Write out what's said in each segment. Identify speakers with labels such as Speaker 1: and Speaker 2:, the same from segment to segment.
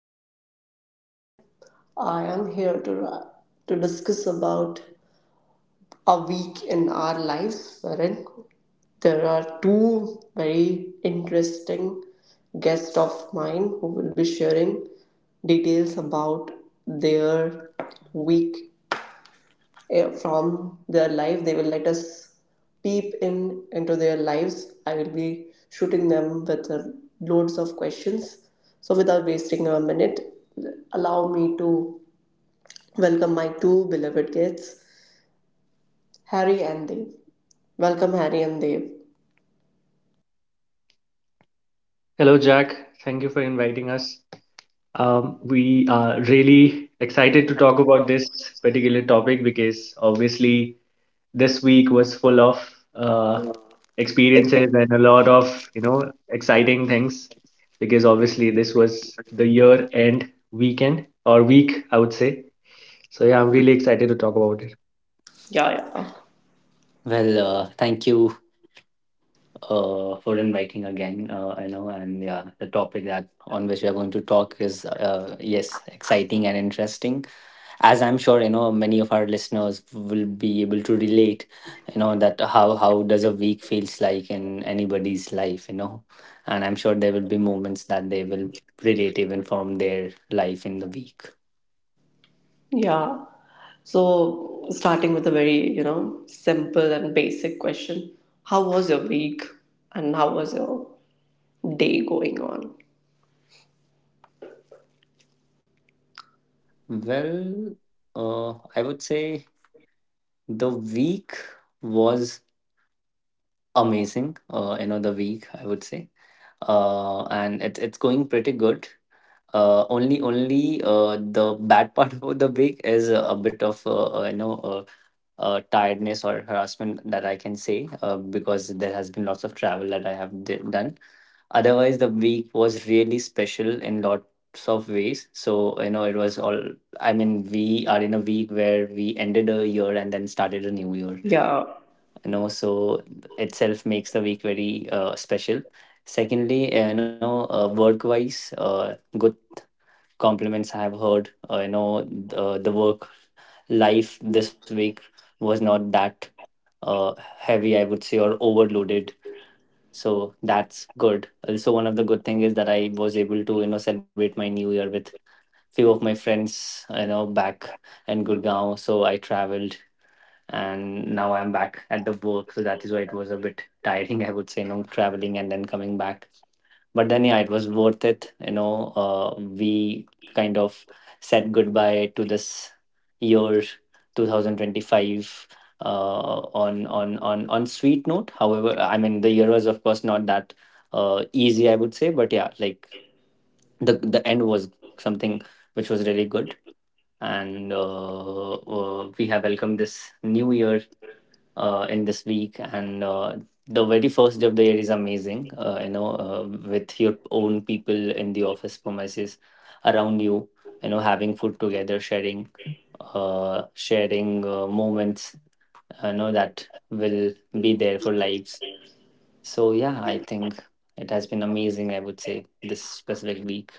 Speaker 1: And today I am here to discuss about a week in our lives, wherein there are two very interesting guests of mine who will be sharing details about their week from their life. They will let us peep in into their lives. I will be shooting them with loads of questions. So without wasting a minute, allow me to welcome my two beloved kids, Harry and Dave. Welcome, Harry and Dave.
Speaker 2: Hello, Jack. Thank you for inviting us. We are really excited to talk about this particular topic because obviously this week was full of uh, experiences and a lot of exciting things because obviously this was the year end weekend or week, I would say. So yeah, I'm really excited to talk about it.
Speaker 1: Yeah, yeah,
Speaker 3: Thank you for inviting again. I know, and yeah, the topic that on which we are going to talk is yes, exciting and interesting. As I'm sure you know, many of our listeners will be able to relate. You know that how does a week feels like in anybody's life. You know, and I'm sure there will be moments that they will relate even from their life in the week.
Speaker 1: yeah. So starting with a very simple and basic question: how was your week, and how was your day going on?
Speaker 3: Well, I would say the week was amazing, end of the week, I would say, and it's going pretty good. Only only The bad part about the week is a bit of tiredness or harassment that I can say, because there has been lots of travel that I have done. Otherwise, the week was really special in lots of ways. So you know, it was all, I mean, we are in a week where we ended a year and then started a new year,
Speaker 1: Yeah.
Speaker 3: you know, so itself makes the week very special. Secondly, work wise, good compliments I have heard. You know, the work life this week was not that heavy, I would say, or overloaded. So that's good. Also, one of the good thing is that I was able to, you know, celebrate my new year with few of my friends, you know, back in Gurgaon. So I traveled, and now I'm back at the work. So that is why it was a bit tiring, I would say, you know, traveling and then coming back. But then, yeah, it was worth it. You know, we kind of said goodbye to this year 2025 on sweet note. However, I mean, the year was of course not that easy, I would say. But yeah, like the end was something which was really good. And We have welcomed this new year in this week, and the very first day of the year is amazing, with your own people in the office premises around you, you know, having food together, sharing sharing moments, you know, that will be there for lives. So yeah, I think it has been amazing, I would say, this specific week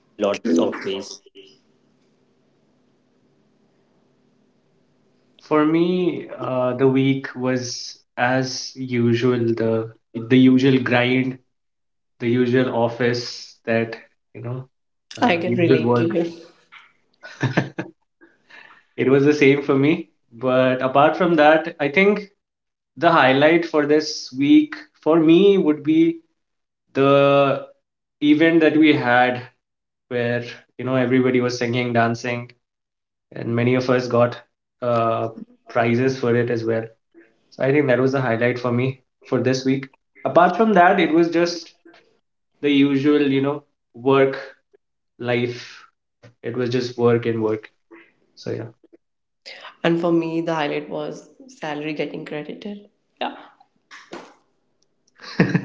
Speaker 3: in lots of ways.
Speaker 2: For me, the week was as usual, the usual grind, the usual office, that you know
Speaker 1: I can
Speaker 2: usual
Speaker 1: relate to
Speaker 2: work.
Speaker 1: you.
Speaker 2: It was the same for me. But apart from that, I think the highlight for this week for me would be the event that we had where you know everybody was singing, dancing, and many of us got uh, prizes for it as well. So I think that was the highlight for me for this week. Apart from that, it was just the usual, you know, work life. It was just work and work. So
Speaker 1: And for me, the highlight was salary getting credited. Yeah.
Speaker 2: yeah.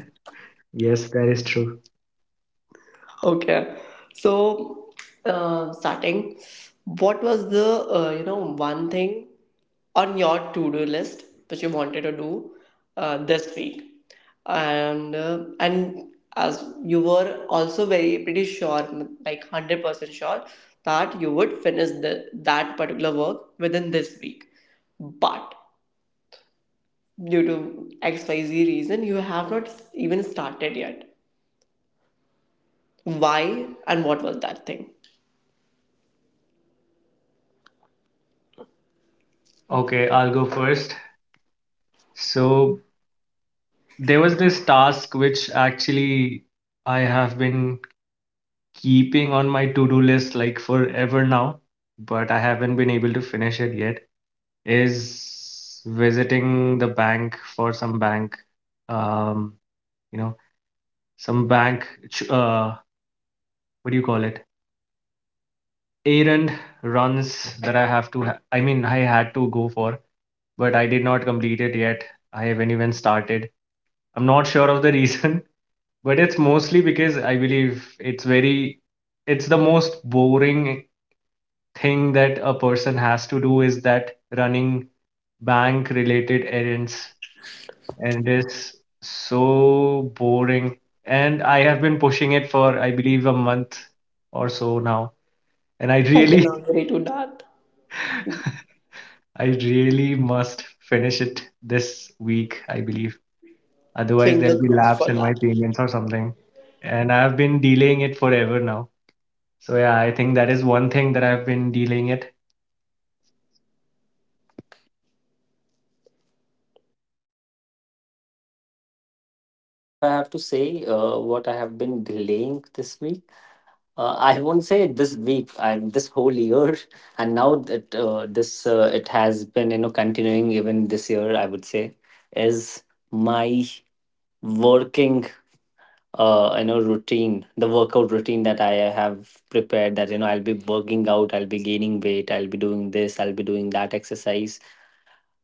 Speaker 2: Yes, that is true.
Speaker 1: Okay. So, starting, what was the one thing on your to-do list which you wanted to do this week? And as you were also very pretty sure, like 100% sure that you would finish that particular work within this week, but due to XYZ reason, you have not even started yet. Why and what was that thing?
Speaker 2: Okay, I'll go first. So there was this task which actually I have been keeping on my to-do list like forever now, but I haven't been able to finish it yet. Is visiting the bank for some bank, um, you know, some bank, ch- uh, what do you call it? Errand runs that I I mean, I had to go for, but I did not complete it yet. I haven't even started. I'm not sure of the reason, but it's mostly because I believe it's the most boring thing that a person has to do is that running bank related errands, and it's so boring. And I have been pushing it for, I believe, a month or so now. And I
Speaker 1: I
Speaker 2: really,
Speaker 1: cannot relate to that.
Speaker 2: I really must finish it this week, I believe. Otherwise, there'll
Speaker 1: Finger
Speaker 2: be
Speaker 1: crossed
Speaker 2: lapse
Speaker 1: for
Speaker 2: in my
Speaker 1: that.
Speaker 2: payments or something. And I've been delaying it forever now. So yeah, I think that is one thing that I've been dealing it.
Speaker 3: If I have to say what I have been delaying this week, I won't say this week and this whole year, and now that this it has been, you know, continuing even this year. I would say is my working, you know, routine, the workout routine that I have prepared. That you know, I'll be working out, I'll be gaining weight, I'll be doing this, I'll be doing that exercise.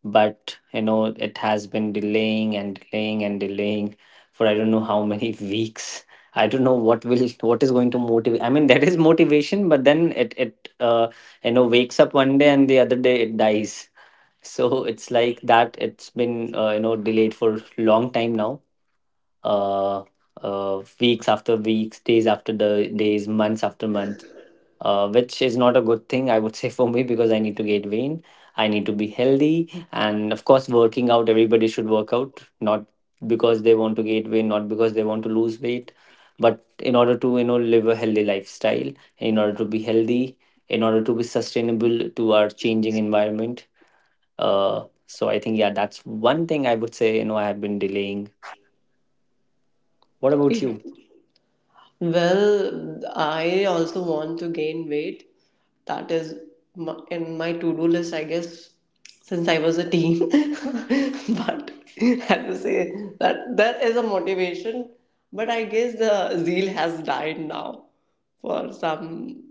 Speaker 3: But you know, it has been delaying and delaying and delaying for I don't know how many weeks. I don't know what will, what is going to motivate, I mean, there is motivation, but then it you know, wakes up one day and the other day it dies. So it's like that, it's been you know, delayed for long time now, uh, weeks after weeks, days after the days, months after month, which is not a good thing, I would say, for me because I need to gain weight. I need to be healthy. And of course, working out, everybody should work out, not because they want to gain weight, not because they want to lose weight, but in order to, you know, live a healthy lifestyle, in order to be healthy, in order to be sustainable to our changing environment. So I think, yeah, that's one thing I would say, you know, I have been delaying. What about you?
Speaker 1: Well, I also want to gain weight. That is in my to do list, I guess, since I was a teen. But I have to say that that is a motivation. But I guess the zeal has died now for some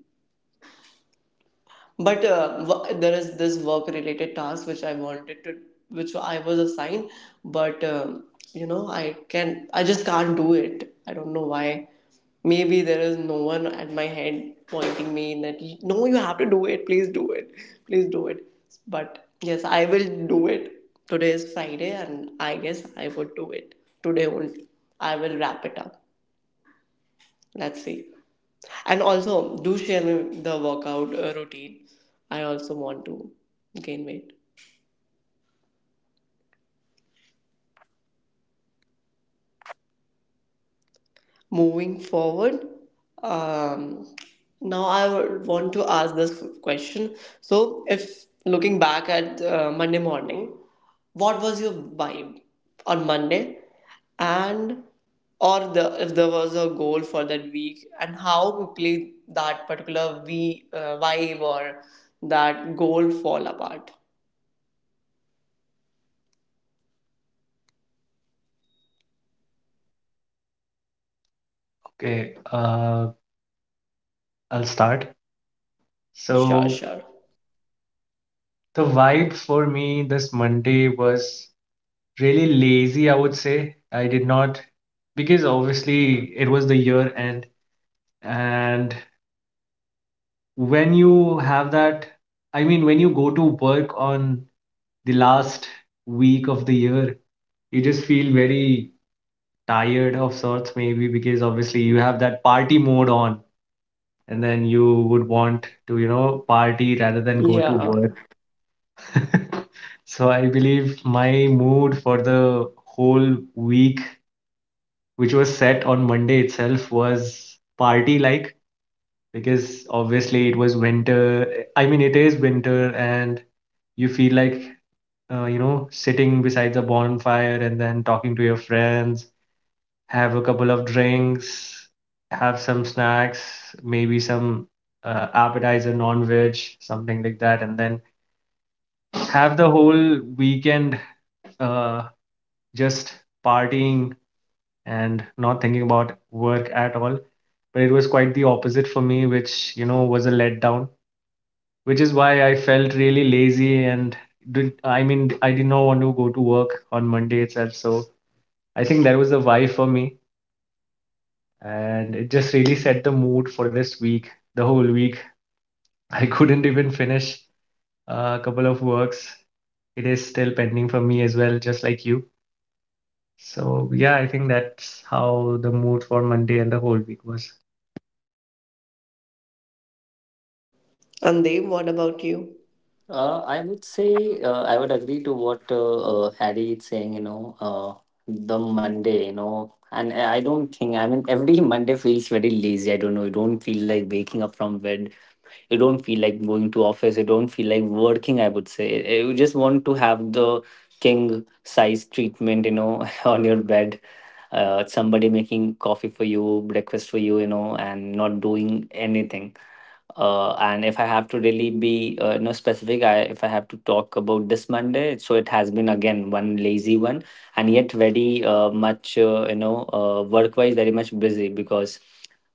Speaker 1: but there is this work related task which I wanted to which I was assigned but you know I can I just can't do it. I don't know why. Maybe there is no one at my head pointing me in that, no, you have to do it, please do it, please do it. But yes, I will do it. Today is Friday and I guess I would do it today only. I will wrap it up. Let's see. And also, do share me the workout routine. I also want to gain weight. Moving forward, um, now I would want to ask this question. So, if looking back at Monday morning, what was your vibe on Monday? And Or the if there was a goal for that week and how quickly that particular we vibe or that goal fall apart.
Speaker 2: Okay, I'll start.
Speaker 1: Sure,
Speaker 2: So
Speaker 1: sure.
Speaker 2: the vibe for me this Monday was really lazy, I would say. I did not, because obviously it was the year end, and when you have that, I mean, when you go to work on the last week of the year, you just feel very tired of sorts, maybe because obviously you have that party mode on, and then you would want to, you know, party rather than go to
Speaker 1: Yeah.
Speaker 2: work. So I believe my mood for the whole week, which was set on Monday itself, was party like, because obviously it was winter. I mean, it is winter, and you feel like you know, sitting beside the bonfire and then talking to your friends, have a couple of drinks, have some snacks, maybe some appetizer, non-veg, something like that, and then have the whole weekend uh, just partying and not thinking about work at all. But it was quite the opposite for me, which, you know, was a letdown, which is why I felt really lazy and I mean, I did not want to go to work on Monday itself. So I think that was the why for me. And it just really set the mood for this week, the whole week. I couldn't even finish a couple of works. It is still pending for me as well, just like you. So yeah, I think that's how the mood for Monday and the whole week was.
Speaker 1: And Dev, what about you?
Speaker 3: I would say, I would agree to what Harry is saying, you know, the Monday, you know, and I don't think, I mean, every Monday feels very lazy. I don't know. You don't feel like waking up from bed. You don't feel like going to office. You don't feel like working, I would say. You just want to have the king size treatment, you know, on your bed. Somebody making coffee for you, breakfast for you, you know, and not doing anything. And if I have to really be you know, specific, I if I have to talk about this Monday, so it has been again one lazy one, and yet very much you know, work wise very much busy, because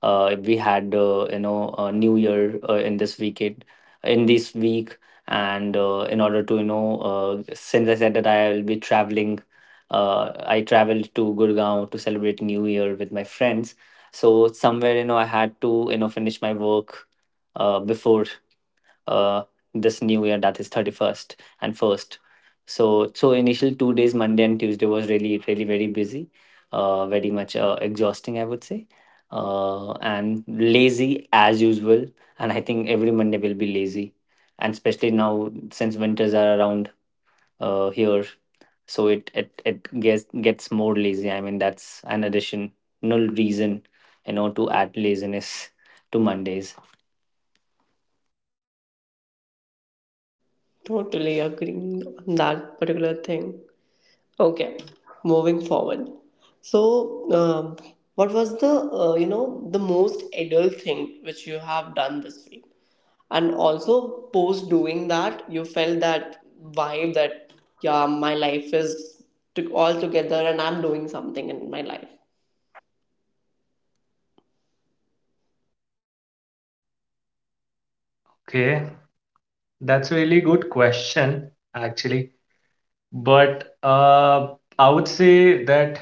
Speaker 3: we had, new year in this weekend, in this week. And in order to, since I said that I will be traveling, I traveled to Gurgaon to celebrate new year with my friends. So somewhere, you know, I had to, you know, finish my work before uh, this new year, that is 31st and 1st. So initial 2 days, Monday and Tuesday, was really really very busy, very much exhausting, I would say, and lazy as usual. And I think every Monday will be lazy, and especially now since winters are around here. So it gets more lazy, I mean, that's an additional reason, you know, to add laziness to Mondays.
Speaker 1: Totally agreeing on that particular thing. Okay, moving forward. So, what was the the most adult thing which you have done this week? And also, post doing that, you felt that vibe that yeah, my life is all together and I'm doing something in my life.
Speaker 2: Okay, that's a really good question actually. But I would say that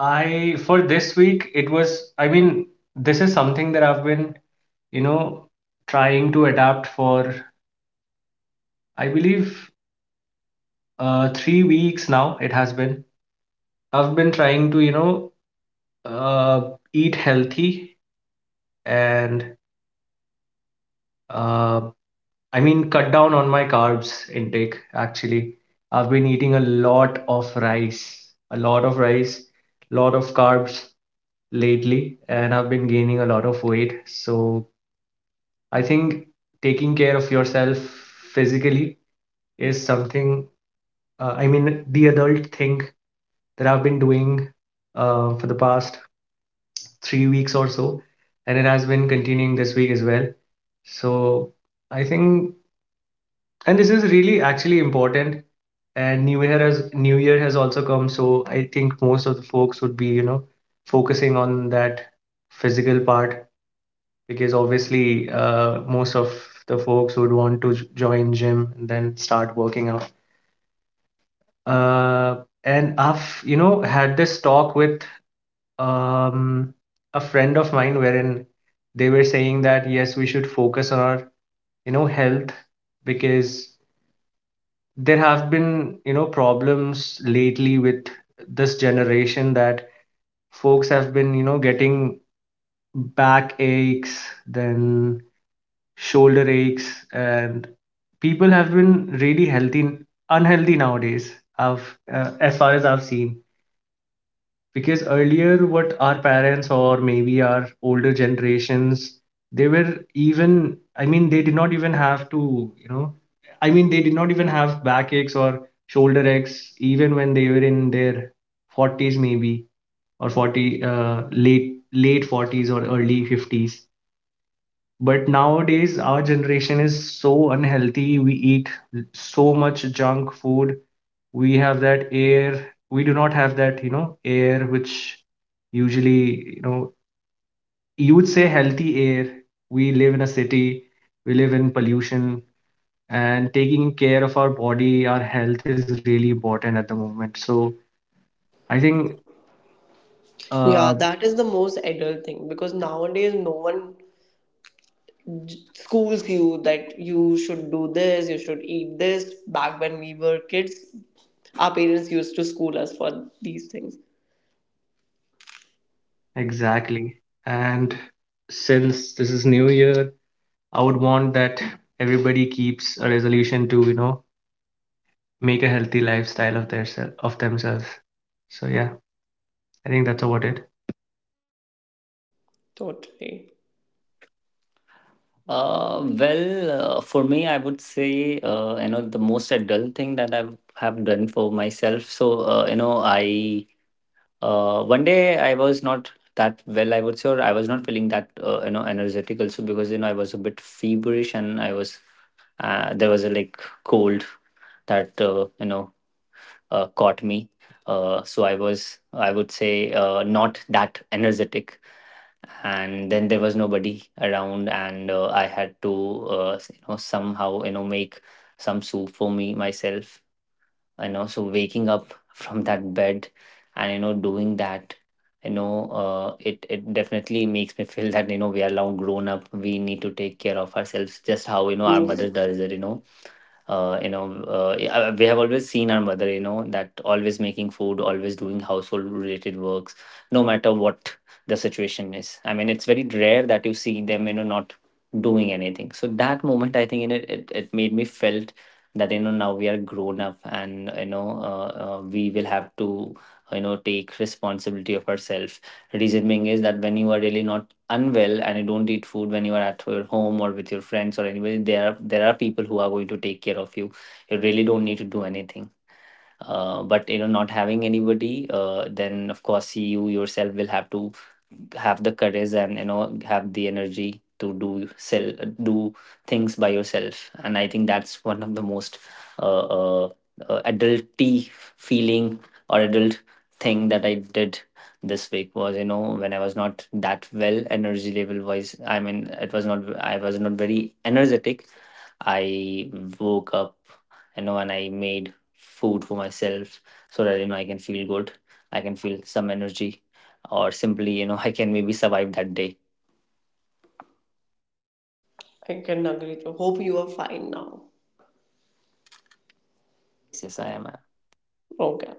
Speaker 2: I for this week, it was, I mean, this is something that I've been, you know, trying to adapt for, I believe, 3 weeks now. It has been, I've been trying to, you know, uh, eat healthy, and uh, I mean, cut down on my carbs intake. Actually, I've been eating a lot of rice, a lot of rice, lot of carbs lately, and I've been gaining a lot of weight. So I think taking care of yourself physically is something, I mean, the adult thing that I've been doing for the past 3 weeks or so, and it has been continuing this week as well. So I think, and this is really actually important. And New Year has also come, so I think most of the folks would be, you know, focusing on that physical part because obviously most of the folks would want to join gym and then start working out. Uh, and I've, you know, had this talk with um, a friend of mine, wherein they were saying that yes, we should focus on our, you know, health, because there have been, you know, problems lately with this generation, that folks have been, you know, getting back aches, then shoulder aches, and people have been really healthy unhealthy nowadays, I've, as far as I've seen. Because earlier, what our parents or maybe our older generations, they were, even, I mean, they did not even have to, you know, I mean, they did not even have back aches or shoulder aches even when they were in their 40s maybe, or 40 uh, late late 40s or early 50s. But nowadays our generation is so unhealthy, we eat so much junk food. we have that air we do not have that, you know, air which usually, you know, you would say healthy air. We live in a city, we live in pollution, and taking care of our body, our health is really important at the moment. So I think
Speaker 1: Yeah,
Speaker 2: uh
Speaker 1: that is the most adult thing because nowadays no one schools you that you should do this, you should eat this. Back when we were kids, our parents used to school us for these things.
Speaker 2: exactly. And since this is new year, I would want that everybody keeps a resolution to, you know, make a healthy lifestyle of of themselves. So yeah, I think that's about it.
Speaker 1: Totally.
Speaker 3: For me, I would say, you know, the most adult thing that I have done for myself. So, you know, I one day I was not that well, I would say, or I was not feeling that, you know, energetic also because, you know, I was a bit feverish and I was, there was a like cold that, caught me. So I was, I would say, not that energetic. And then there was nobody around, and I had to, you know, somehow, you know, make some soup for me myself, you know. So waking up from that bed and, you know, doing that, it it definitely makes me feel that, you know, we are now grown up, we need to take care of ourselves, just how, you know, our mother
Speaker 1: True.
Speaker 3: does it, you know, yeah, we have always seen our mother, you know, that always making food, always doing household related works, no matter what the situation is. I mean, it's very rare that you see them, you know, not doing anything. So that moment I think, you know, it made me felt that, you know, now we are grown up, and you know, we will have to, you know, take responsibility of ourselves. Reason being is that when you are really not unwell, and you don't eat food, when you are at your home or with your friends or anybody, there are people who are going to take care of you. You really don't need to do anything. But you know, not having anybody, then of course, you yourself will have to have the courage and you know, have the energy to do things by yourself. And I think that's one of the most uh, uh, adulty feeling or adult thing that I did this week, was you know, when I was not that well energy level wise, I mean, it was not, I was not very energetic. I woke up, you know, and I made food for myself so that you know I can feel good. I can feel some energy, or simply, you know, I can maybe survive that day.
Speaker 1: I can agree to. Hope you are fine now.
Speaker 3: Yes, yes, I am. I am.
Speaker 1: Okay.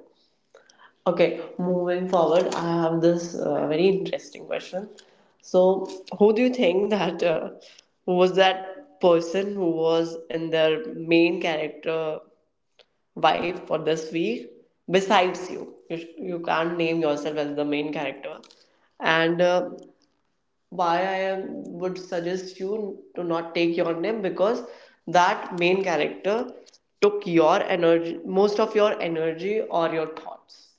Speaker 1: Okay, moving forward, I have this very interesting question. So, who do you think that was that person who was in their main character wife for this week besides you. You can't name yourself as the main character. And Why I am, would suggest you to not take your name because that main character took your energy, most of your energy or your thoughts.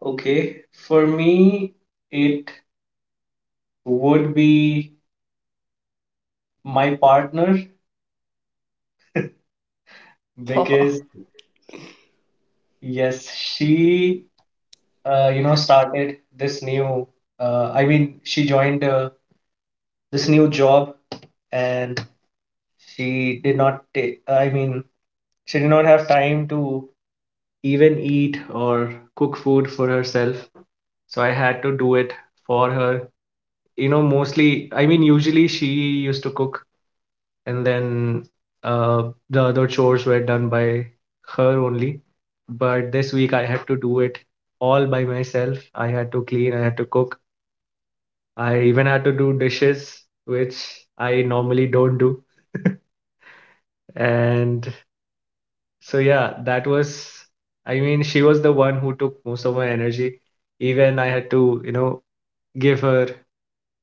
Speaker 2: Okay, for me, it would be my partner because yes, she you know, started this new, I mean, she joined this new job, and she did not take, I mean, she did not have time to even eat or cook food for herself. So I had to do it for her. You know, mostly, I mean, usually she used to cook, and then uh, the other chores were done by her only. But this week, I had to do it all by myself. I had to clean, I had to cook, I even had to do dishes, which I normally don't do. And so, yeah, that was, I mean, she was the one who took most of my energy. Even I had to, you know, give her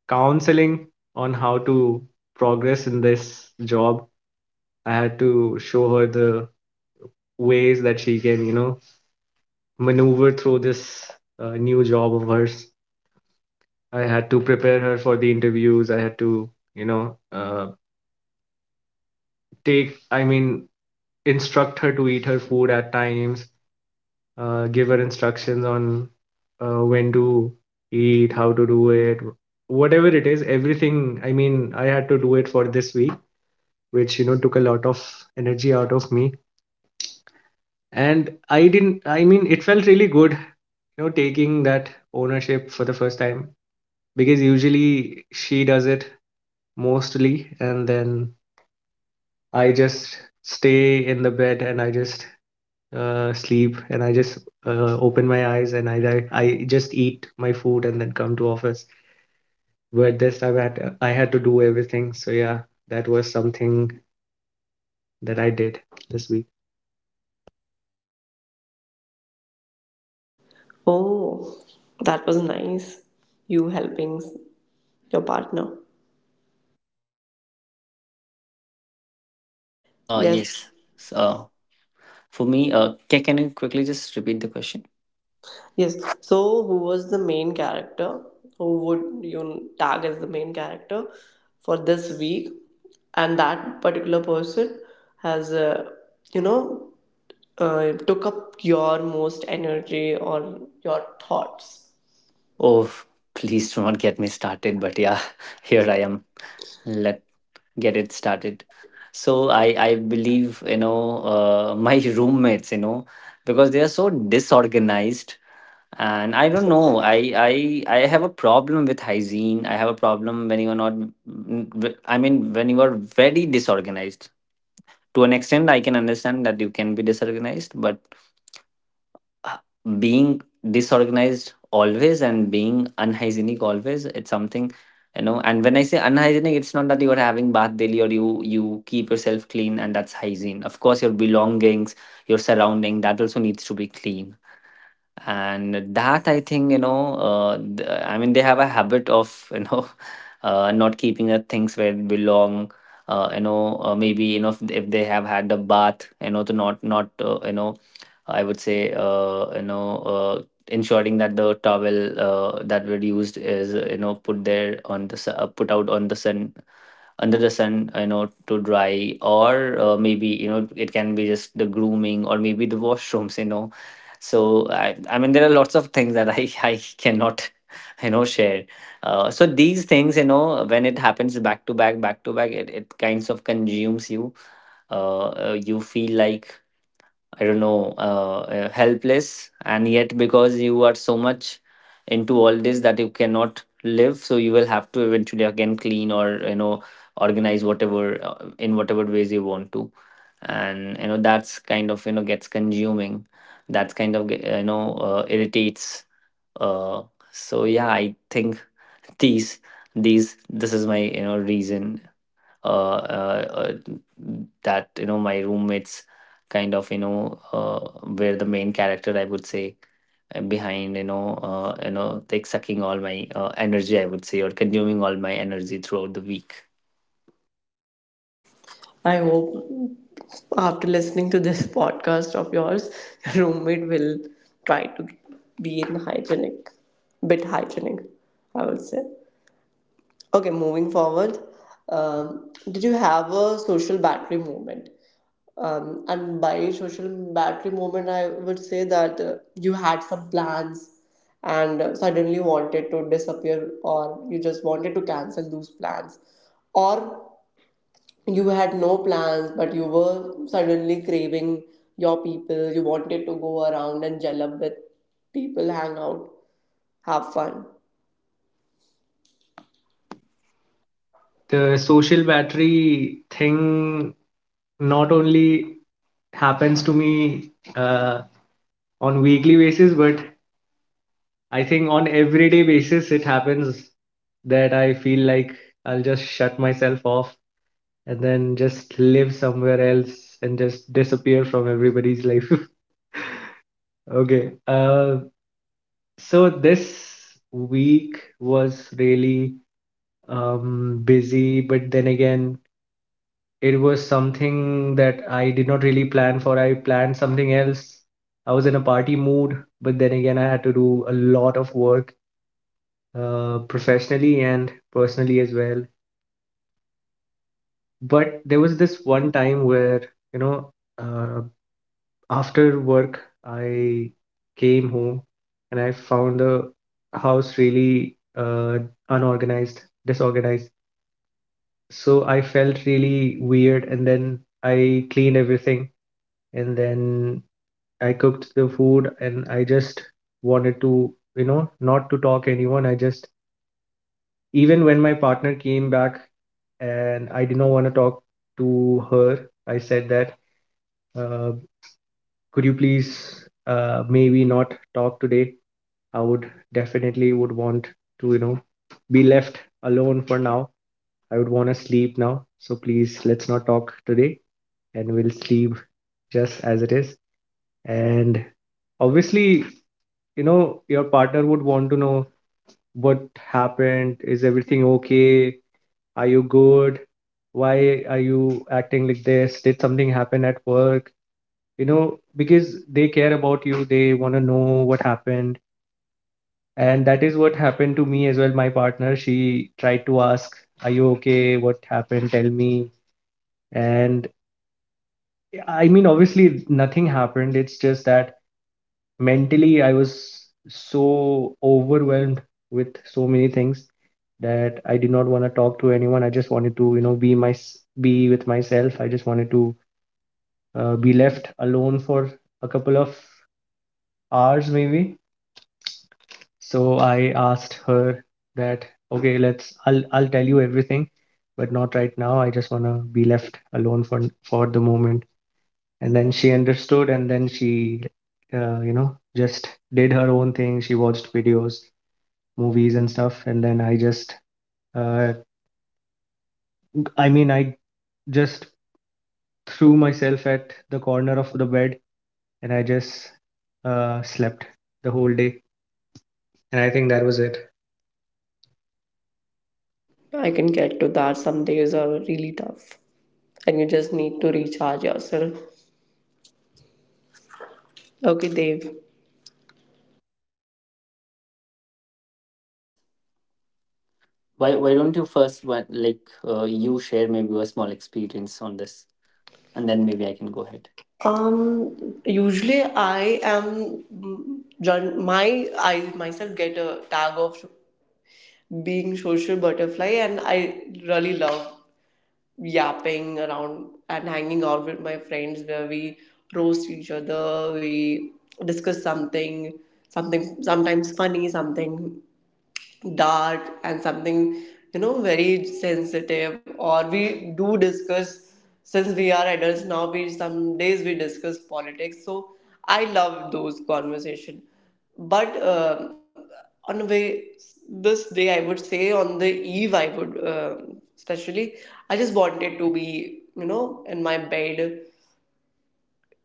Speaker 2: counseling on how to progress in this job. I had to show her the ways that she can, you know, maneuver through this new job of hers. I had to prepare her for the interviews. I had to, you know, I mean, instruct her to eat her food at times, give her instructions on when to eat, how to do it, whatever it is, everything. I mean, I had to do it for this week, which, you know, took a lot of energy out of me. And I didn't, I mean, it felt really good, you know, taking that ownership for the first time, because usually she does it mostly, and then I just stay in the bed, and I just sleep, and I just open my eyes, and I just eat my food and then come to office. But this time I had to do everything. So yeah, that was something that I did this week.
Speaker 1: Oh, that was nice. You helping your partner. Yes,
Speaker 3: Yes. So for me, can you quickly just repeat the question?
Speaker 1: yes. So, who was the main character? Who would you tag as the main character for this week? And that particular person has, uh, you know, took up your most energy or your thoughts.
Speaker 3: Oh, please do not get me started. But yeah, here I am. Let get it started. So I believe, you know, my roommates, you know, because they are so disorganized. And I don't know, I have a problem with hygiene. I have a problem when you're not I mean, when you are very disorganized. To an extent, I can understand that you can be disorganized, but uh, being disorganized always and being unhygienic always, it's something, you know. And when I say unhygienic, it's not that you are having bath daily or you keep yourself clean, and that's hygiene. Of course, your belongings, your surrounding, that also needs to be clean. And that I think, you know, I mean, they have a habit of, you know, not keeping the things where it belong. Maybe if they have had a bath, to not not you know, I would say uh, you know, uh, ensuring that the towel that were used is put there on the put out on the sun under the sun to dry, or maybe it can be just the grooming, or maybe the washrooms. I mean, there are lots of things that I I cannot share. So these things, when it happens back to back back to back, it kinds of consumes you. You feel like I don't know, helpless. And yet, because you are so much into all this that you cannot live, so you will have to eventually again clean, or, organize whatever in whatever ways you want to. That's kind of, gets consuming. That's kind of, irritates. Uh, so yeah, I think these, this is my, reason uh, uh, uh, that my roommates kind of were the main character, I would say, behind sucking all my energy, I would say, or consuming all my energy throughout the week.
Speaker 1: I hope after listening to this podcast of yours, your roommate will try to be in hygienic, bit hygienic, I would say. Okay, moving forward, did you have a social battery moment? And by social battery moment, I would say that you had some plans and suddenly wanted to disappear, or you just wanted to cancel those plans, or you had no plans but you were suddenly craving your people, you wanted to go around and gel up with people, hang out, have fun.
Speaker 2: The social battery thing not only happens to me on weekly basis, but I think on everyday basis it happens, that I feel like I'll just shut myself off and then just live somewhere else and just disappear from everybody's life. Okay, so this week was really busy, but then again, it was something that I did not really plan for. I planned something else. I was in a party mood, but then again, I had to do a lot of work, professionally and personally as well. But there was this one time where, you know, uh, after work, I came home and I found the house really disorganized. So I felt really weird, and then I cleaned everything, and then I cooked the food, and I just wanted to, you know, not to talk anyone. I just, even when my partner came back, and I did not want to talk to her, I said that, uh, could you please maybe not talk today? I would want to, you know, be left alone for now. I would want to sleep now. So please let's not talk today, and we'll sleep just as it is. And obviously, you know, your partner would want to know what happened. Is everything okay? Are you good? Why are you acting like this? Did something happen at work? You know, because they care about you, they want to know what happened. And that is what happened to me as well. My partner, she tried to ask, are you okay, what happened, tell me? And I mean, obviously nothing happened. It's just that mentally I was so overwhelmed with so many things that I did not want to talk to anyone. I just wanted to, you know, be with myself. I just wanted to be left alone for a couple of hours maybe. So I asked her that okay, let's I'll tell you everything, but not right now. I just want to be left alone for the moment. And then she understood, and then she you know, just did her own thing. She watched videos, movies and stuff. And then I just, uh, I just threw myself at the corner of the bed and I just slept the whole day. And I think that was it.
Speaker 1: I can get to that. Some days are really tough, and you just need to recharge yourself. Okay, Dev.
Speaker 3: Why don't you first one, like, you share maybe a small experience on this, and then maybe I can go ahead.
Speaker 1: Usually I am mm, run my I myself get a tag of being social butterfly, and I really love yapping around and hanging out with my friends where we roast each other, we discuss something, something sometimes funny, something dark and something very sensitive, or we do discuss, since we are adults now, we some days we discuss politics. So I love those conversation, but on a way this day I would say on the eve I would especially I just wanted to be in my bed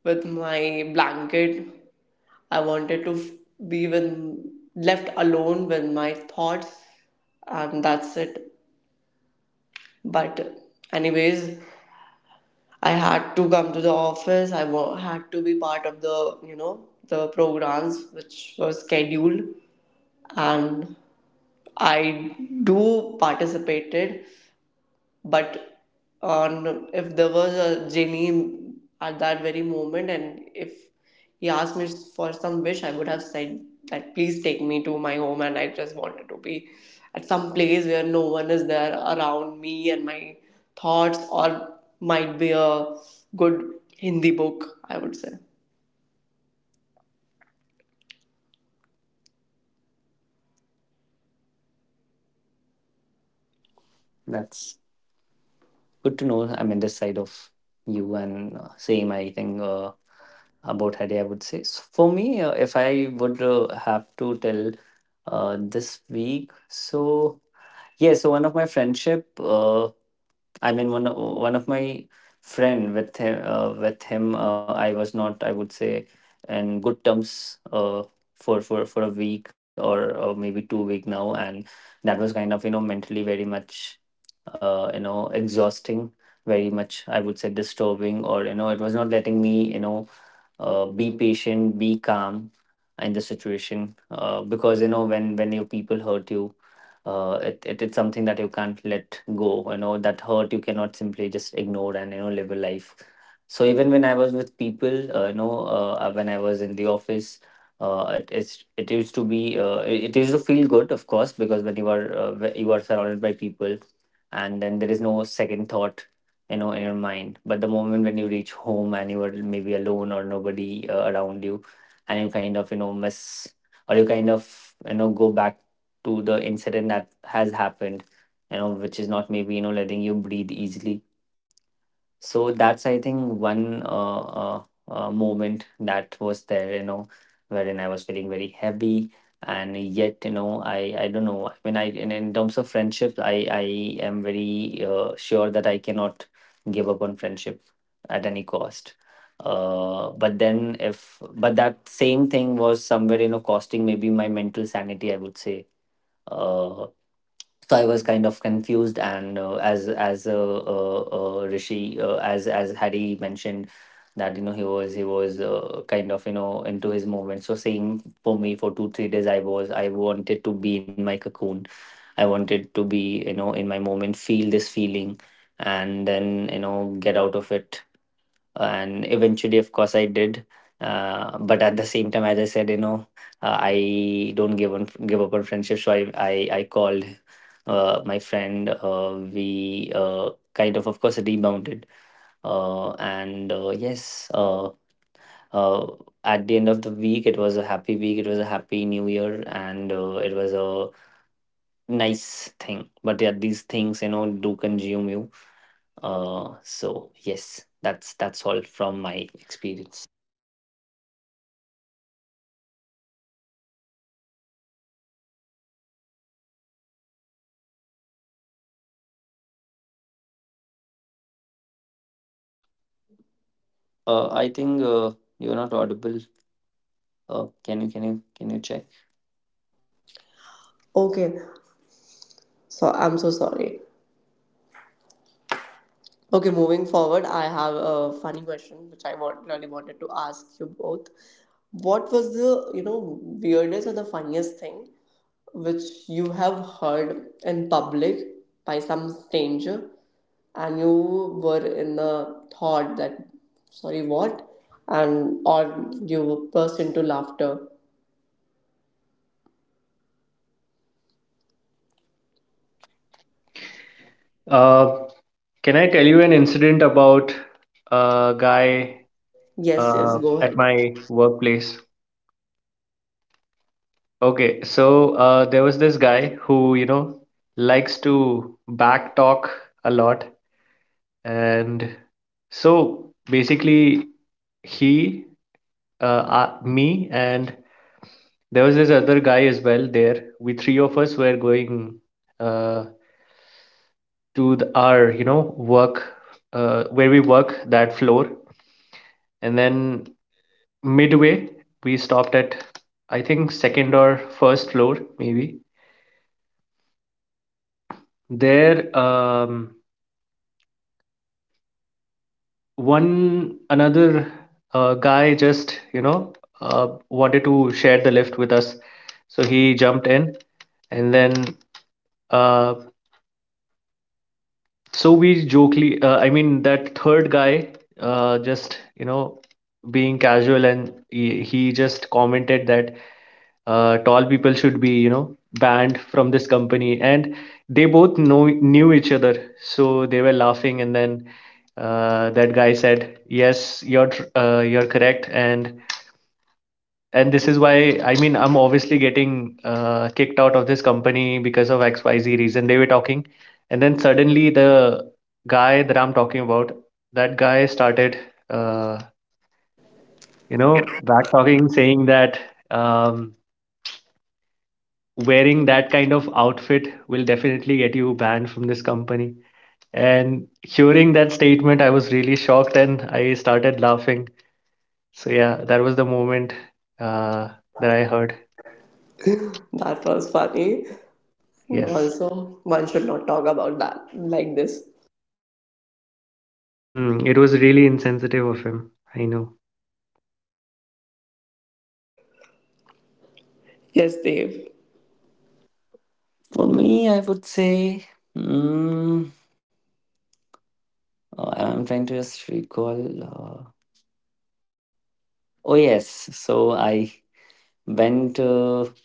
Speaker 1: with my blanket. I wanted to be when left alone with my thoughts, and that's it. But, anyways, I had to come to the office. Had to be part of the you know the programs which were scheduled, and I do participated. But on if there was a genie at that very moment, and if he asked me for some wish, I would have said that please take me to my home, and I just wanted to be at some place where no one is there around me and my thoughts, or might be a good Hindi book, I would say.
Speaker 3: That's good to know. I'm in this side of you, and same I think about Hari, I would say. So for me, if I would have to tell this week, so yeah, so one of my friendship, one of my friend, with him, I was not, I would say, in good terms for for a week, or maybe 2 week now, and that was kind of, you know, mentally very much, exhausting, very much, I would say, disturbing, or, you know, it was not letting me, you know, be patient, be calm in the situation, because, you know, when your people hurt you, it it's something that you can't let go, you know, that hurt you cannot simply just ignore and, you know, live a life. So even when I was with people, when I was in the office, it used to be, uh, it used to feel good, of course, because when you are you are surrounded by people, and then there is no second thought, you know, in your mind. But the moment when you reach home and you are maybe alone, or nobody around you, and you kind of, you know, miss, or you kind of, you know, go back to the incident that has happened, you know, which is not maybe, you know, letting you breathe easily. So that's I think one moment that was there, you know, wherein I was feeling very heavy. And yet, you know, I don't know. When in terms of friendship, I am very sure that I cannot give up on friendship at any cost. But then if but that same thing was somewhere, you know, costing maybe my mental sanity, I would say. Uh, so I was kind of confused, and as hari mentioned that, you know, he was kind of, you know, into his moment. So same for me, for 2 3 days I wanted to be in my cocoon. I wanted to be, you know, in my moment, feel this feeling, and then, you know, get out of it, and eventually, of course, I did. But at the same time, as I said, you know, i don't give up on friendship. So I called my friend. We kind of course, rebounded, and uh, at the end of the week, it was a happy week, it was a happy new year, and it was a nice thing. But yeah, these things, you know, do consume you. So yes, that's all from my experience. I think you're not audible. Can you check?
Speaker 1: Okay, so I'm so sorry. Okay, moving forward, I have a funny question which I want, really wanted to ask you both. What was the, you know, weirdest or the funniest thing which you have heard in public by some stranger and you were in the thought that, sorry, what? And or you burst into laughter.
Speaker 2: Uh, can I tell you an incident about a guy
Speaker 1: Yes, yes, go
Speaker 2: at
Speaker 1: ahead.
Speaker 2: my workplace? Okay, so there was this guy who, you know, likes to backtalk a lot. And so basically, he uh, me and there was this other guy as well there. We three of us were going uh, to our, you know, work where we work, that floor. And then midway, we stopped at, I think, second or first floor, maybe. There, one another guy just, you know, wanted to share the lift with us. So he jumped in, and then uh, so we jokely, that third guy just, you know, being casual, and he just commented that tall people should be, you know, banned from this company. And they both know knew each other, so they were laughing. And then that guy said, yes, you're correct. And this is why, I mean, I'm obviously getting kicked out of this company because of XYZ reason, they were talking. And then suddenly the guy that I'm talking about, that guy started uh, you know, back talking, saying that um, wearing that kind of outfit will definitely get you banned from this company. And hearing that statement, I was really shocked and I started laughing. So yeah, that was the moment uh, that I heard.
Speaker 1: That was funny. And
Speaker 2: Yes.
Speaker 1: also, one should not talk about that like this.
Speaker 2: Hmm, it was really insensitive of him, I know.
Speaker 1: Yes, Dave.
Speaker 3: For me, I would say. Mm, I'm trying to just recall. Uh, oh yes, so I went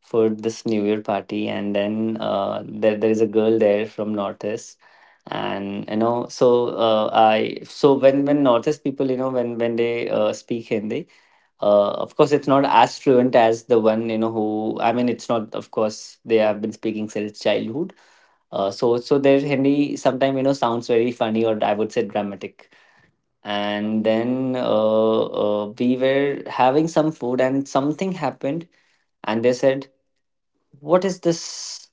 Speaker 3: for this New Year party, and then there is a girl there from Northeast. And you know, so I, so when Northeast people, you know, when they speak Hindi, of course it's not as fluent as the one, you know, who I mean, it's not, of course, they have been speaking since childhood. So their hindi sometimes, you know, sounds very funny, or I would say dramatic. And then we were having some food, and something happened, and they said, what is this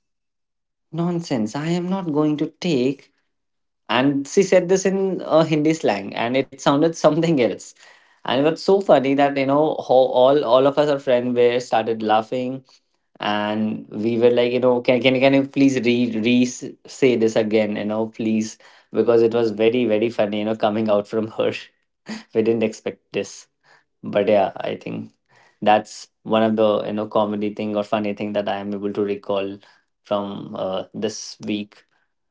Speaker 3: nonsense, I am not going to take. And she said this in hindi slang, and it sounded something else. And it was so funny that, you know, how all of us, our friend, were started laughing. And we were like, you know, can you please re say this again, you know, please, because it was very very funny, you know, coming out from her. We didn't expect this. But yeah, I think that's one of the, you know, comedy thing or funny thing that I am able to recall from this week.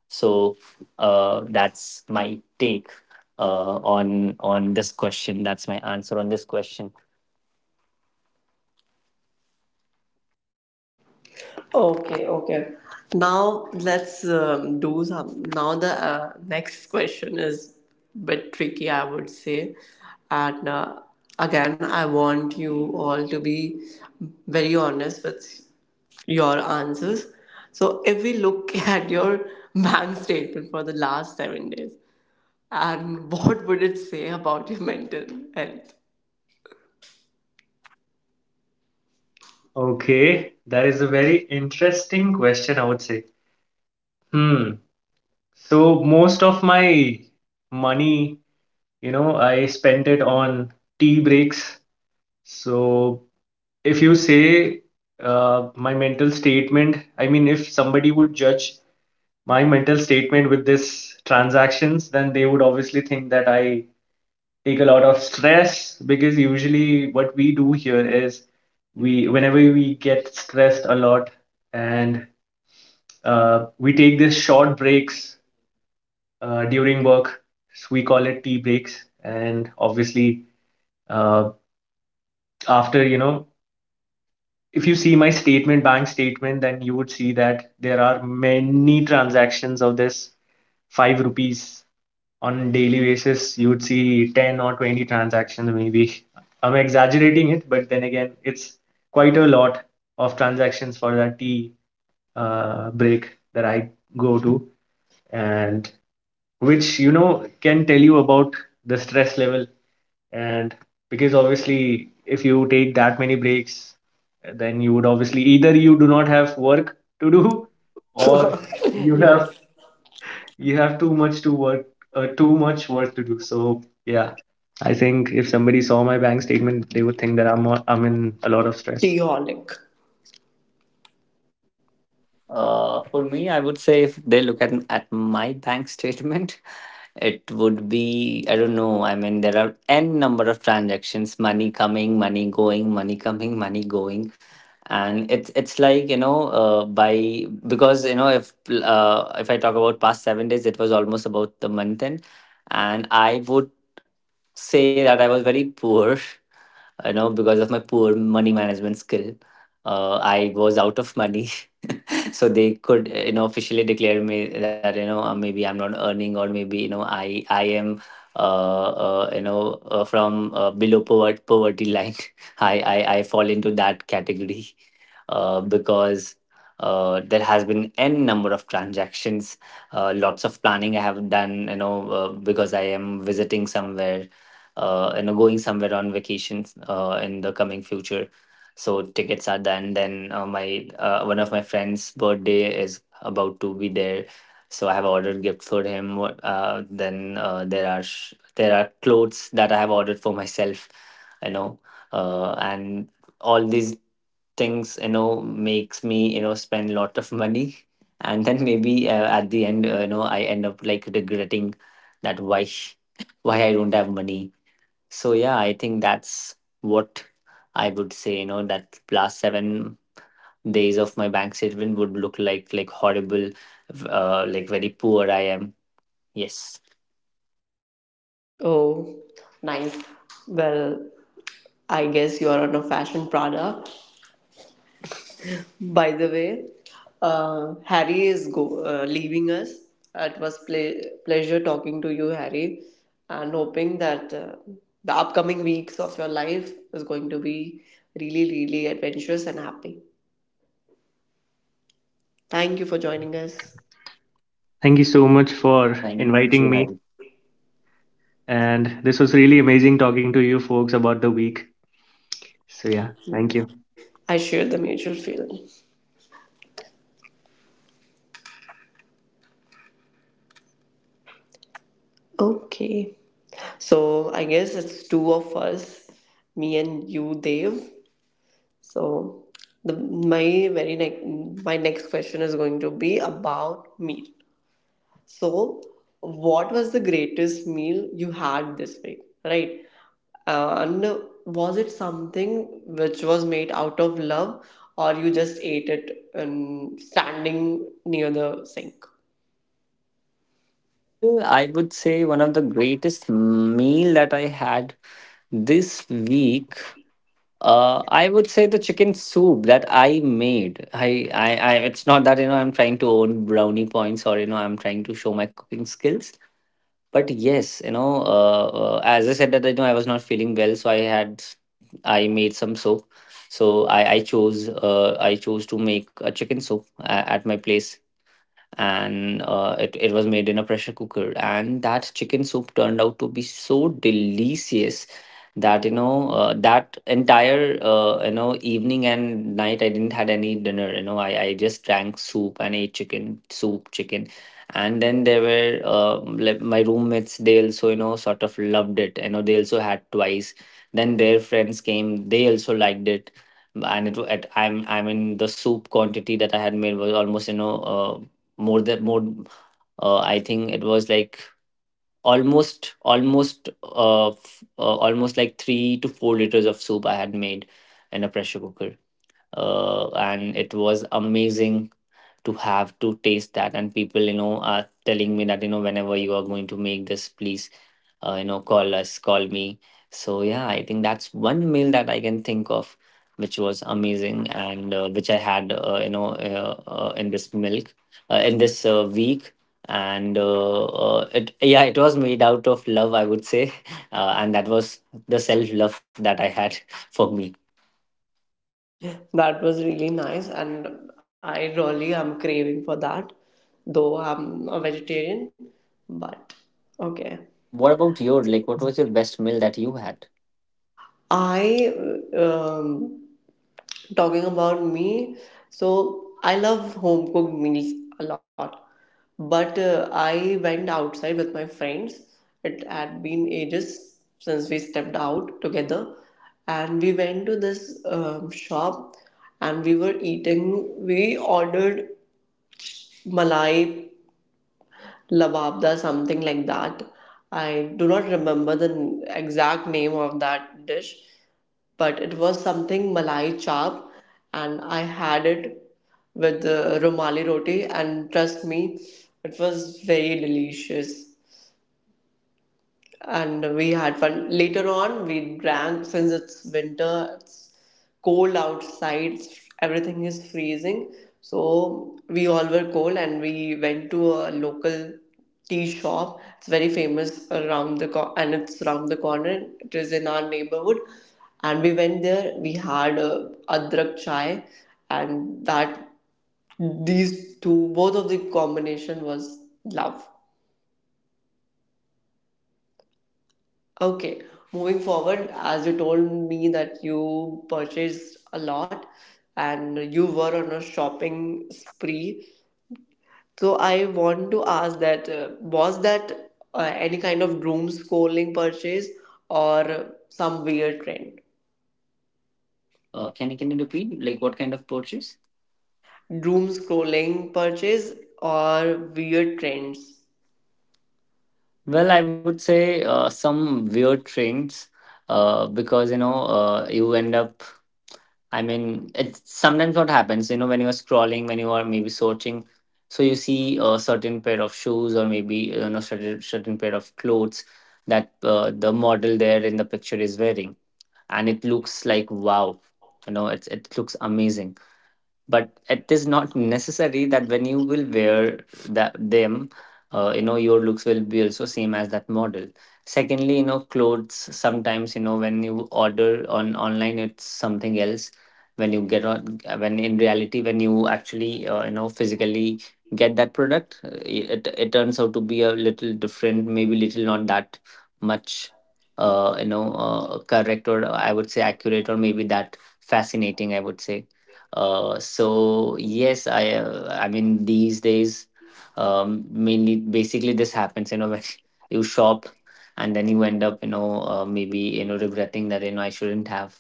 Speaker 3: So that's my take on this question. That's my answer on this question.
Speaker 1: Okay, okay. Now let's do some. Now the next question is bit tricky, I would say, and again, I want you all to be very honest with your answers. So, if we look at your bank statement for the last 7 days, and what would it say about your mental health?
Speaker 2: Okay, that is a very interesting question, I would say. Hmm. So most of my money, you know, I spent it on tea breaks. So if you say my mental statement, I mean, if somebody would judge my mental statement with this transactions, then they would obviously think that I take a lot of stress, because usually what we do here is we, whenever we get stressed a lot, and we take these short breaks during work, so we call it tea breaks. And obviously, uh, after, you know, if you see my statement bank statement, then you would see that there are many transactions of this 5 rupees. On daily basis, you would see 10 or 20 transactions maybe. I'm exaggerating it, but then again, it's quite a lot of transactions for that tea break that I go to. And which, you know, can tell you about the stress level. And because obviously, if you take that many breaks, then you would obviously either you do not have work to do, or you have
Speaker 1: Yes.
Speaker 2: too much to work too much work to do. So yeah, I think if somebody saw my bank statement, they would think that I'm in a lot of stress.
Speaker 1: Teonic.
Speaker 3: For me, I would say, if they look at my bank statement, it would be I don't know. I mean, there are n number of transactions: money coming, money going, money coming, money going. And it's like, you know, by because you know, if I talk about past 7 days, it was almost about the month end, and I would say that I was very poor, you know, because of my poor money management skill. I was out of money. So they could you know, officially declare me that, you know, maybe I'm not earning, or maybe, you know, i am from below poverty, poverty line. I I fall into that category, because there has been n number of transactions. Lots of planning I have done, you know, because I am visiting somewhere, you know, going somewhere on vacations, in the coming future, so tickets are done. Then my one of my friends birthday is about to be there, so I have ordered gift for him. Then there are clothes that I have ordered for myself, you know. And all these things, you know, makes me, you know, spend lot of money. And then maybe at the end, you know, I end up like regretting that why why I don't have money. So yeah, I think that's what I would say, you know, that last 7 days of my bank statement would look like horrible, like very poor I am. Yes.
Speaker 1: Oh, nice. Well, I guess you are on a fashion Prada. By the way, Harry is leaving us. It was pleasure talking to you, Harry, and hoping that the upcoming weeks of your life is going to be really, really adventurous and happy. Thank you for joining us.
Speaker 2: Thank you so much for
Speaker 3: Thank
Speaker 2: inviting
Speaker 3: you,
Speaker 2: me,
Speaker 3: Harry.
Speaker 2: and this was really amazing talking to you folks about the week. So yeah, thank you.
Speaker 1: I share the mutual feeling. Okay. So I guess it's two of us, me and you, Dave. So the my very next my next question is going to be about meal. So what was the greatest meal you had this week, right? And was it something which was made out of love, or you just ate it and standing near the sink?
Speaker 3: Well, I would say one of the greatest meal that I had this week. I would say the chicken soup that I made. I, it's not that, you know, I'm trying to own brownie points, or, you know, I'm trying to show my cooking skills. But yes, you know, as I said that, you know, I was not feeling well, so I made some soap. So I chose I chose to make a chicken soup at my place, and it was made in a pressure cooker, and that chicken soup turned out to be so delicious that that entire evening and night I didn't had any dinner. I just drank soup and ate chicken soup chicken. And then there were like my roommates, they also sort of loved it, they also had twice. Then their friends came, they also liked it. And it, wa- at I'm I mean, the soup quantity that I had made was almost you know more than more I think it was like almost like 3 to 4 liters of soup I had made in a pressure cooker. And it was amazing to taste that, and people are telling me that, you know, whenever you are going to make this, please, call me. So yeah, I think that's one meal that I can think of which was amazing, and which I had, in this milk in this week. And it yeah, it was made out of love, I would say. And that was the self love that I had for me.
Speaker 1: That was really nice, and I really am craving for that, though I'm a vegetarian. But okay,
Speaker 3: What about your, like, what was your best meal that you had?
Speaker 1: I um, talking about me. So I love home cooked meals a lot, but I went outside with my friends. It had been ages since we stepped out together, and we went to this shop, and we were eating. We ordered malai lavabda something like that. I do not remember the exact name of that dish, but it was something malai chap, and I had it with the rumali roti, and trust me, it was very delicious, and we had fun. Later on, we drank since it's winter, it's cold outside, everything is freezing. So we all were cold and we went to a local tea shop. It's very famous around the and it's around the corner. It is in our neighborhood, and we went there. We had a adrak chai, and that these two both of the combination was love.
Speaker 3: That's great to know, yeah.
Speaker 1: Okay, moving forward, as you told me that you purchased a lot and you were on a shopping spree, so I want to ask that was that any kind of doom scrolling purchase or some weird trend?
Speaker 3: Can you repeat, like, what kind of purchase?
Speaker 1: Doom scrolling purchase or weird trends?
Speaker 3: Well, I would say some weird trends, because, you know, you end up. I mean, it's sometimes what happens. You know, when you are scrolling, when you are maybe searching, so you see a certain pair of shoes, or maybe, you know, certain pair of clothes that, the model there in the picture is wearing, and it looks like wow. You know, it looks amazing, but it is not necessary that when you will wear that them, your looks will be also same as that model. Secondly, you know, clothes sometimes, you know, when you order on online, it's something else. When you get on when in reality, when you actually, physically get that product, it turns out to be a little different, maybe little not that much, correct, or I would say accurate, or maybe that fascinating, I would say. So yes, I mean, these days, mainly basically this happens. You know, when you shop and then you end up, you know, regretting that, you know, I shouldn't have.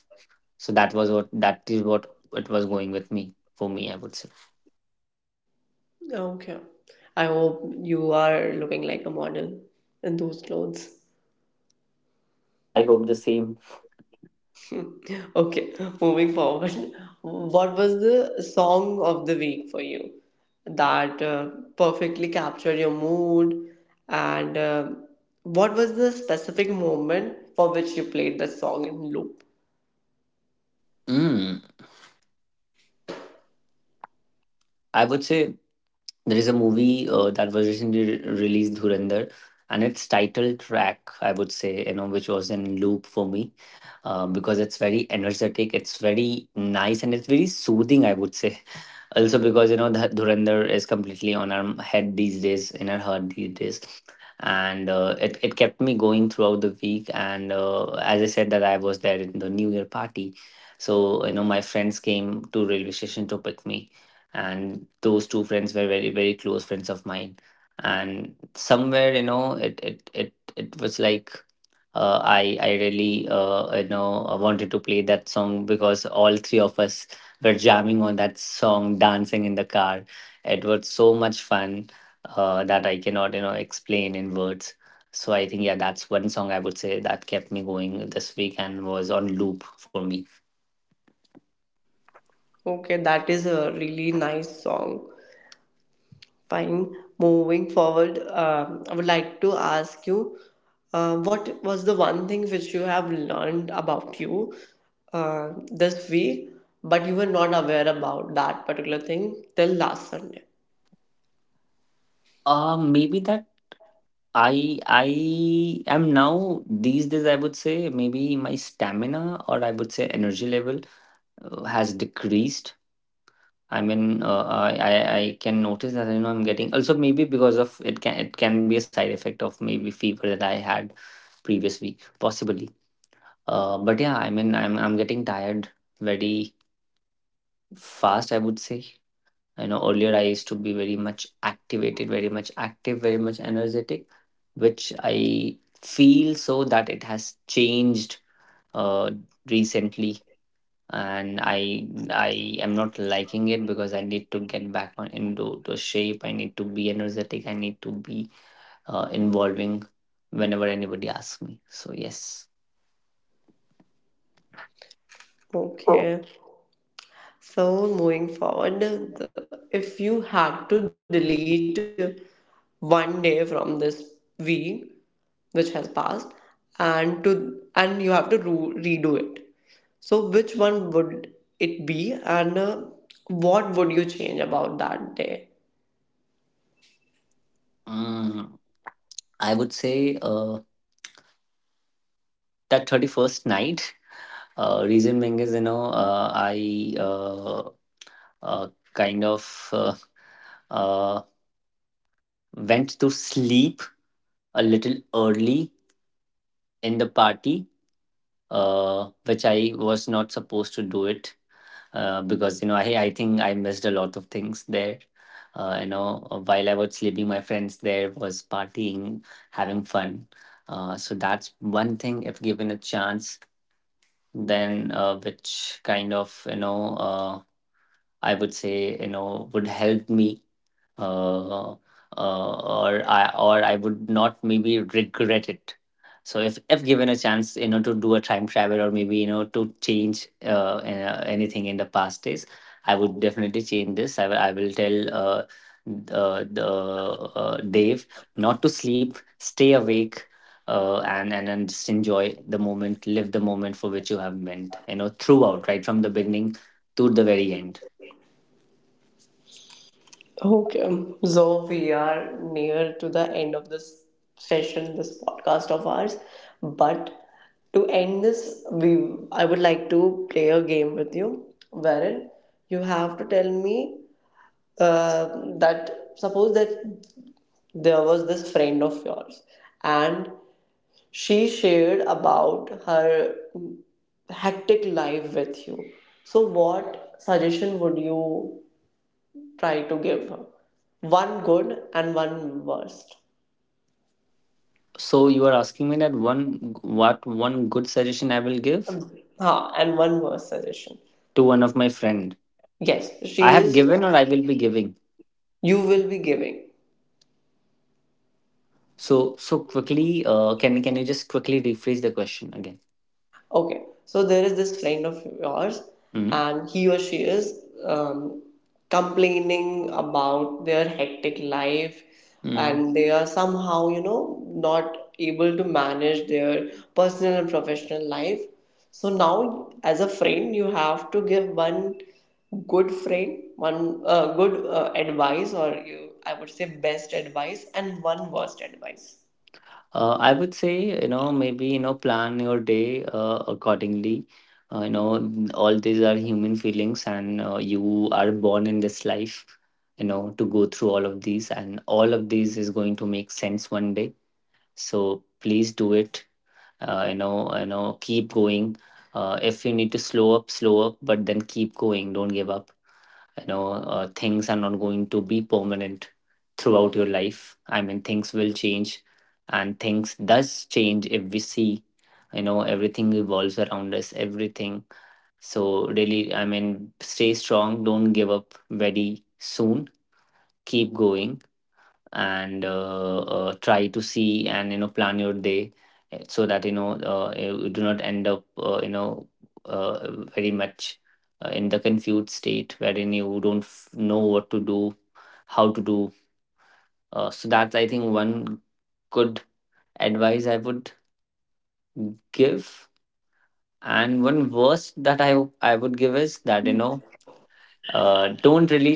Speaker 3: So that is what it was going with me, for me, I would say.
Speaker 1: Okay, I hope you are looking like a model in those clothes.
Speaker 3: I hope the same.
Speaker 1: Okay, moving forward, what was the song of the week for you that perfectly captured your mood? And what was the specific moment for which you played the song in loop?
Speaker 3: Mm, I would say there is a movie that was recently released, Dhurandhar, and its title track, I would say, you know, which was in loop for me, because it's very energetic, it's very nice, and it's very soothing, I would say, also because, you know, the Dhurandhar is completely on our head these days, in our heart these days, and it kept me going throughout the week. And as I said, that I was there in the New Year party, so, you know, my friends came to railway station to pick me, and those two friends were very very close friends of mine, and somewhere, you know, it was like. I really, wanted to play that song because all three of us were jamming on that song, dancing in the car. It was so much fun, that I cannot, you know, explain in words. So I think, yeah, that's one song I would say that kept me going this week and was on loop for me.
Speaker 1: Okay, that is a really nice song. Fine. Moving forward, I would like to ask you what was the one thing which you have learned about you this week, but you were not aware about that particular thing till last Sunday?
Speaker 3: Maybe that I am now, these days I would say, maybe my stamina, or I would say energy level, has decreased. I mean, I can notice that, you know, I'm getting, also maybe because of, it can, it can be a side effect of maybe fever that I had previous week possibly. But yeah, I mean, I'm getting tired very fast, I would say. You know, earlier I used to be very much activated, very much active, very much energetic, which I feel so that it has changed uh, recently, and I am not liking it because I need to get back on into the shape, I need to be energetic, I need to be involving whenever anybody asks me. So yes.
Speaker 1: Okay. So moving forward, if you had to delete one day from this week which has passed, and to and you have to redo it, so which one would it be, and what would you change about that day?
Speaker 3: Mm. I would say that 31st night. Reason being is, you know, I kind of, uh, went to sleep a little early in the party, which I was not supposed to do it, because, you know, I think I missed a lot of things there. While I was sleeping, my friends there was partying, having fun. So that's one thing. If given a chance, then which kind of you know I would say, you know, would help me, uh, uh, or I would not maybe regret it. So if given a chance, you know, to do a time travel, or maybe, you know, to change anything in the past days, I would definitely change this. I will tell the Dave not to sleep, stay awake. And just enjoy the moment, live the moment for which you have meant, you know, throughout, right from the beginning to the very end.
Speaker 1: Okay, so we are near to the end of this session, this podcast of ours. But to end this, we I would like to play a game with you, wherein you have to tell me uh, that suppose that there was this friend of yours, and she shared about her hectic life with you. So, what suggestion would you try to give her, one good and one worst.
Speaker 3: So you are asking me that one, what one good suggestion I will give
Speaker 1: Ha, and one worst suggestion.
Speaker 3: to one of my friend.
Speaker 1: Yes,
Speaker 3: I
Speaker 1: she
Speaker 3: have
Speaker 1: is.
Speaker 3: given, or I will be giving.
Speaker 1: You will be giving.
Speaker 3: So quickly, can you just quickly rephrase the question again?
Speaker 1: Okay, so there is this friend of yours,
Speaker 3: Mm,
Speaker 1: and he or she is complaining about their hectic life,
Speaker 3: mm.
Speaker 1: and they are somehow, you know, not able to manage their personal and professional life. So now, as a friend, you have to give one good friend, one good advice, or you, I would say, best advice, and one worst advice.
Speaker 3: I would say, you know, maybe, you know, plan your day accordingly. You know, all these are human feelings, and you are born in this life, you know, to go through all of these, and all of these is going to make sense one day. So please do it, you know, keep going, if you need to slow up, slow up, but then keep going, don't give up, you know. Things are not going to be permanent throughout your life, I mean, things will change, and things does change, if we see, you know, everything evolves around us, everything. So really, I mean, stay strong, don't give up very soon, keep going. And try to see, and you know, plan your day, so that, you know, you do not end up, very much in the confused state wherein you don't know what to do, how to do. So that's, I think, one good advice I would give. And one worst that I would give is that, you know, don't really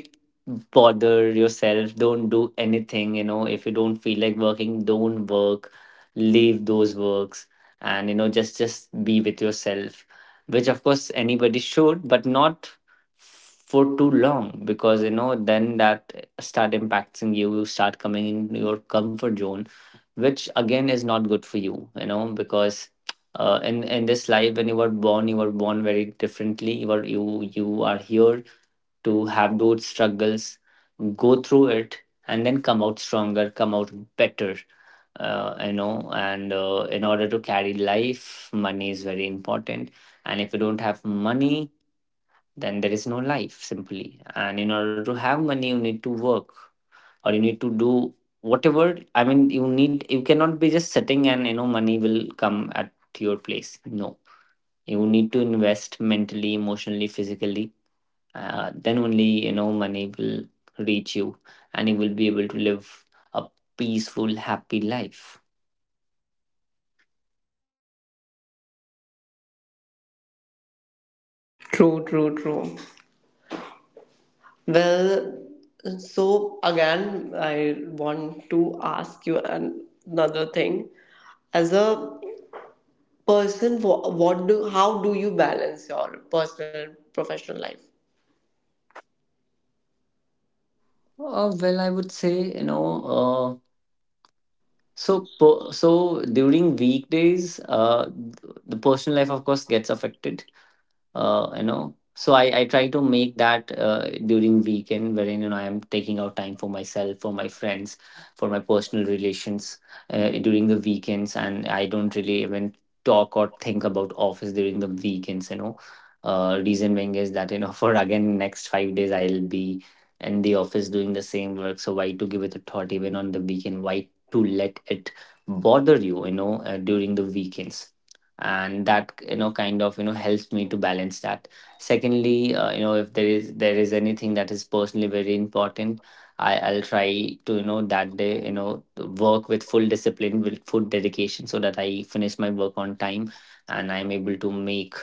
Speaker 3: bother yourself, don't do anything, you know, if you don't feel like working, don't work, leave those works, and you know, just be with yourself, which of course anybody should, but not for too long, because, you know, then that start impacting you, you start coming in your comfort zone, which again is not good for you, you know, because in this life, when you were born, you were born very differently, you were, you are here to have those struggles, go through it, and then come out stronger, come out better. And in order to carry life, money is very important. And if you don't have money, then there is no life simply. And in order to have money, you need to work, or you need to do whatever. I mean, you cannot be just sitting and, you know, money will come at your place. No, you need to invest mentally, emotionally, physically, then only, you know, money will reach you, and you will be able to live a peaceful happy life.
Speaker 1: True, true, true. Well, so again, I want to ask you another thing. As a person, wha- what do how do you balance your personal and professional life?
Speaker 3: Well, I would say, you know, during weekdays, the personal life of course gets affected, you know, so I try to make that during weekend wherein, you know, I am taking out time for myself, for my friends, for my personal relations, during the weekends, and I don't really even talk or think about office during the weekends, you know, reason being is that, you know, for again next 5 days I'll be in the office doing the same work, so why to give it a thought even on the weekend, why to let it bother you, you know, during the weekends, and that, you know, kind of, you know, helps me to balance that. Secondly, you know, if there is anything that is personally very important, I'll try to, you know, that day, you know, work with full discipline, with full dedication, so that I finish my work on time, and I'm able to make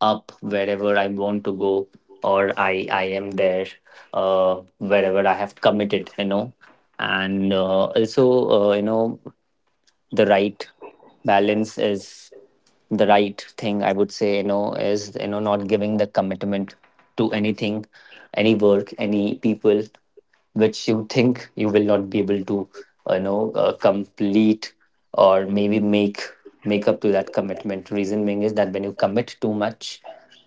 Speaker 3: up wherever I want to go, or I am there wherever I have committed, you know. And also you know, the right balance is the right thing, I would say, you know, is, you know, not giving the commitment to anything, any work, any people, which you think you will not be able to, complete, or maybe make, make up to that commitment. Reason being is that when you commit too much,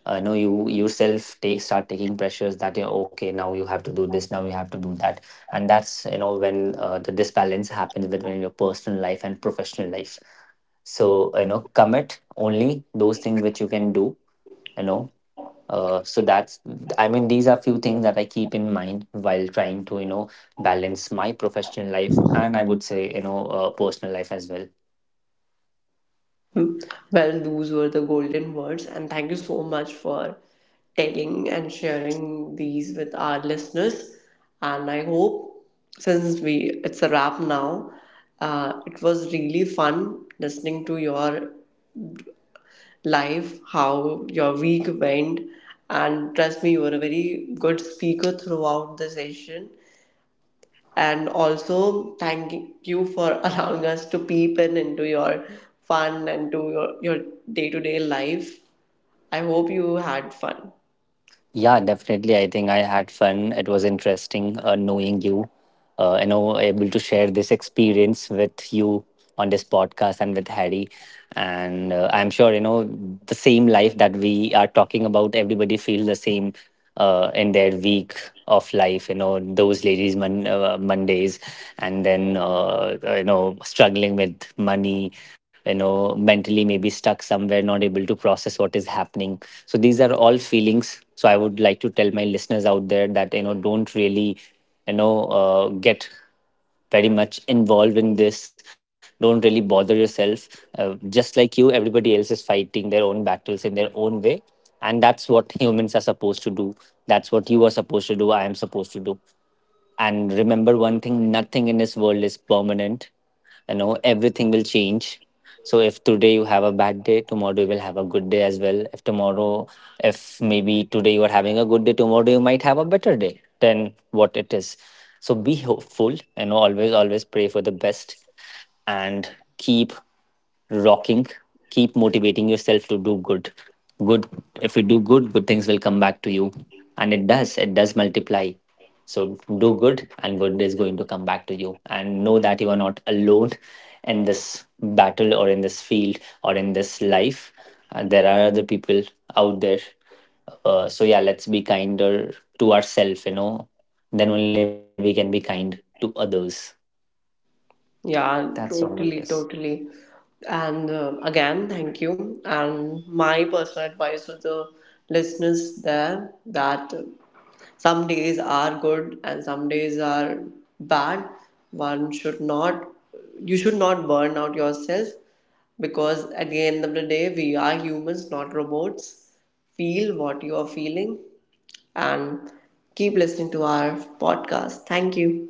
Speaker 3: know, you yourself start taking pressures that, you know, okay, now you have to do this, now you have to do that, and that's, you know, when the disbalance happens between your personal life and professional life. So, you know, commit only those things which you can do, you know. So that's, I mean, these are few things that I keep in mind while trying to, you know, balance my professional life and, I would say, you know, personal life as well.
Speaker 1: Hmm. Well, those were the golden words, and thank you so much for telling and sharing these with our listeners. And I hope since we it's a wrap now, it was really fun listening to your life, how your week went. And trust me, you were a very good speaker throughout the session. And also, thank you for allowing us to peep in into your fun and to your day-to-day life. I hope you had fun.
Speaker 3: Yeah, definitely, I think I had fun, it was interesting, knowing you, you know able to share this experience with you on this podcast and with Harry. And I'm sure, you know, the same life that we are talking about, everybody feels the same in their week of life, you know, those ladies, Mondays, and then you know, struggling with money, you know, mentally, maybe stuck somewhere, not able to process what is happening. So these are all feelings. So I would like to tell my listeners out there that, you know, don't really, get very much involved in this, don't really bother yourself. Just like you, everybody else is fighting their own battles in their own way, and that's what humans are supposed to do, that's what you are supposed to do, I am supposed to do. And remember one thing, nothing in this world is permanent. You know, everything will change. So if today you have a bad day, tomorrow you will have a good day as well. If tomorrow, if maybe today you are having a good day, tomorrow you might have a better day than what it is. So be hopeful, and always, always pray for the best, and keep rocking, keep motivating yourself to do good, good. If you do good, good things will come back to you, and it does multiply. So do good, and good is going to come back to you. And know that you are not alone in this battle, or in this field, or in this life. There are other people out there. So yeah, let's be kinder to ourselves. You know, then only we can be kind to others.
Speaker 1: Yeah,
Speaker 3: That's all, I guess.
Speaker 1: totally, totally. And again, thank you. And my personal advice to the listeners there that some days are good and some days are bad. One should not, you should not burn out yourself, because at the end of the day we are humans not robots. Feel what you are feeling, and keep listening to our podcast. Thank you.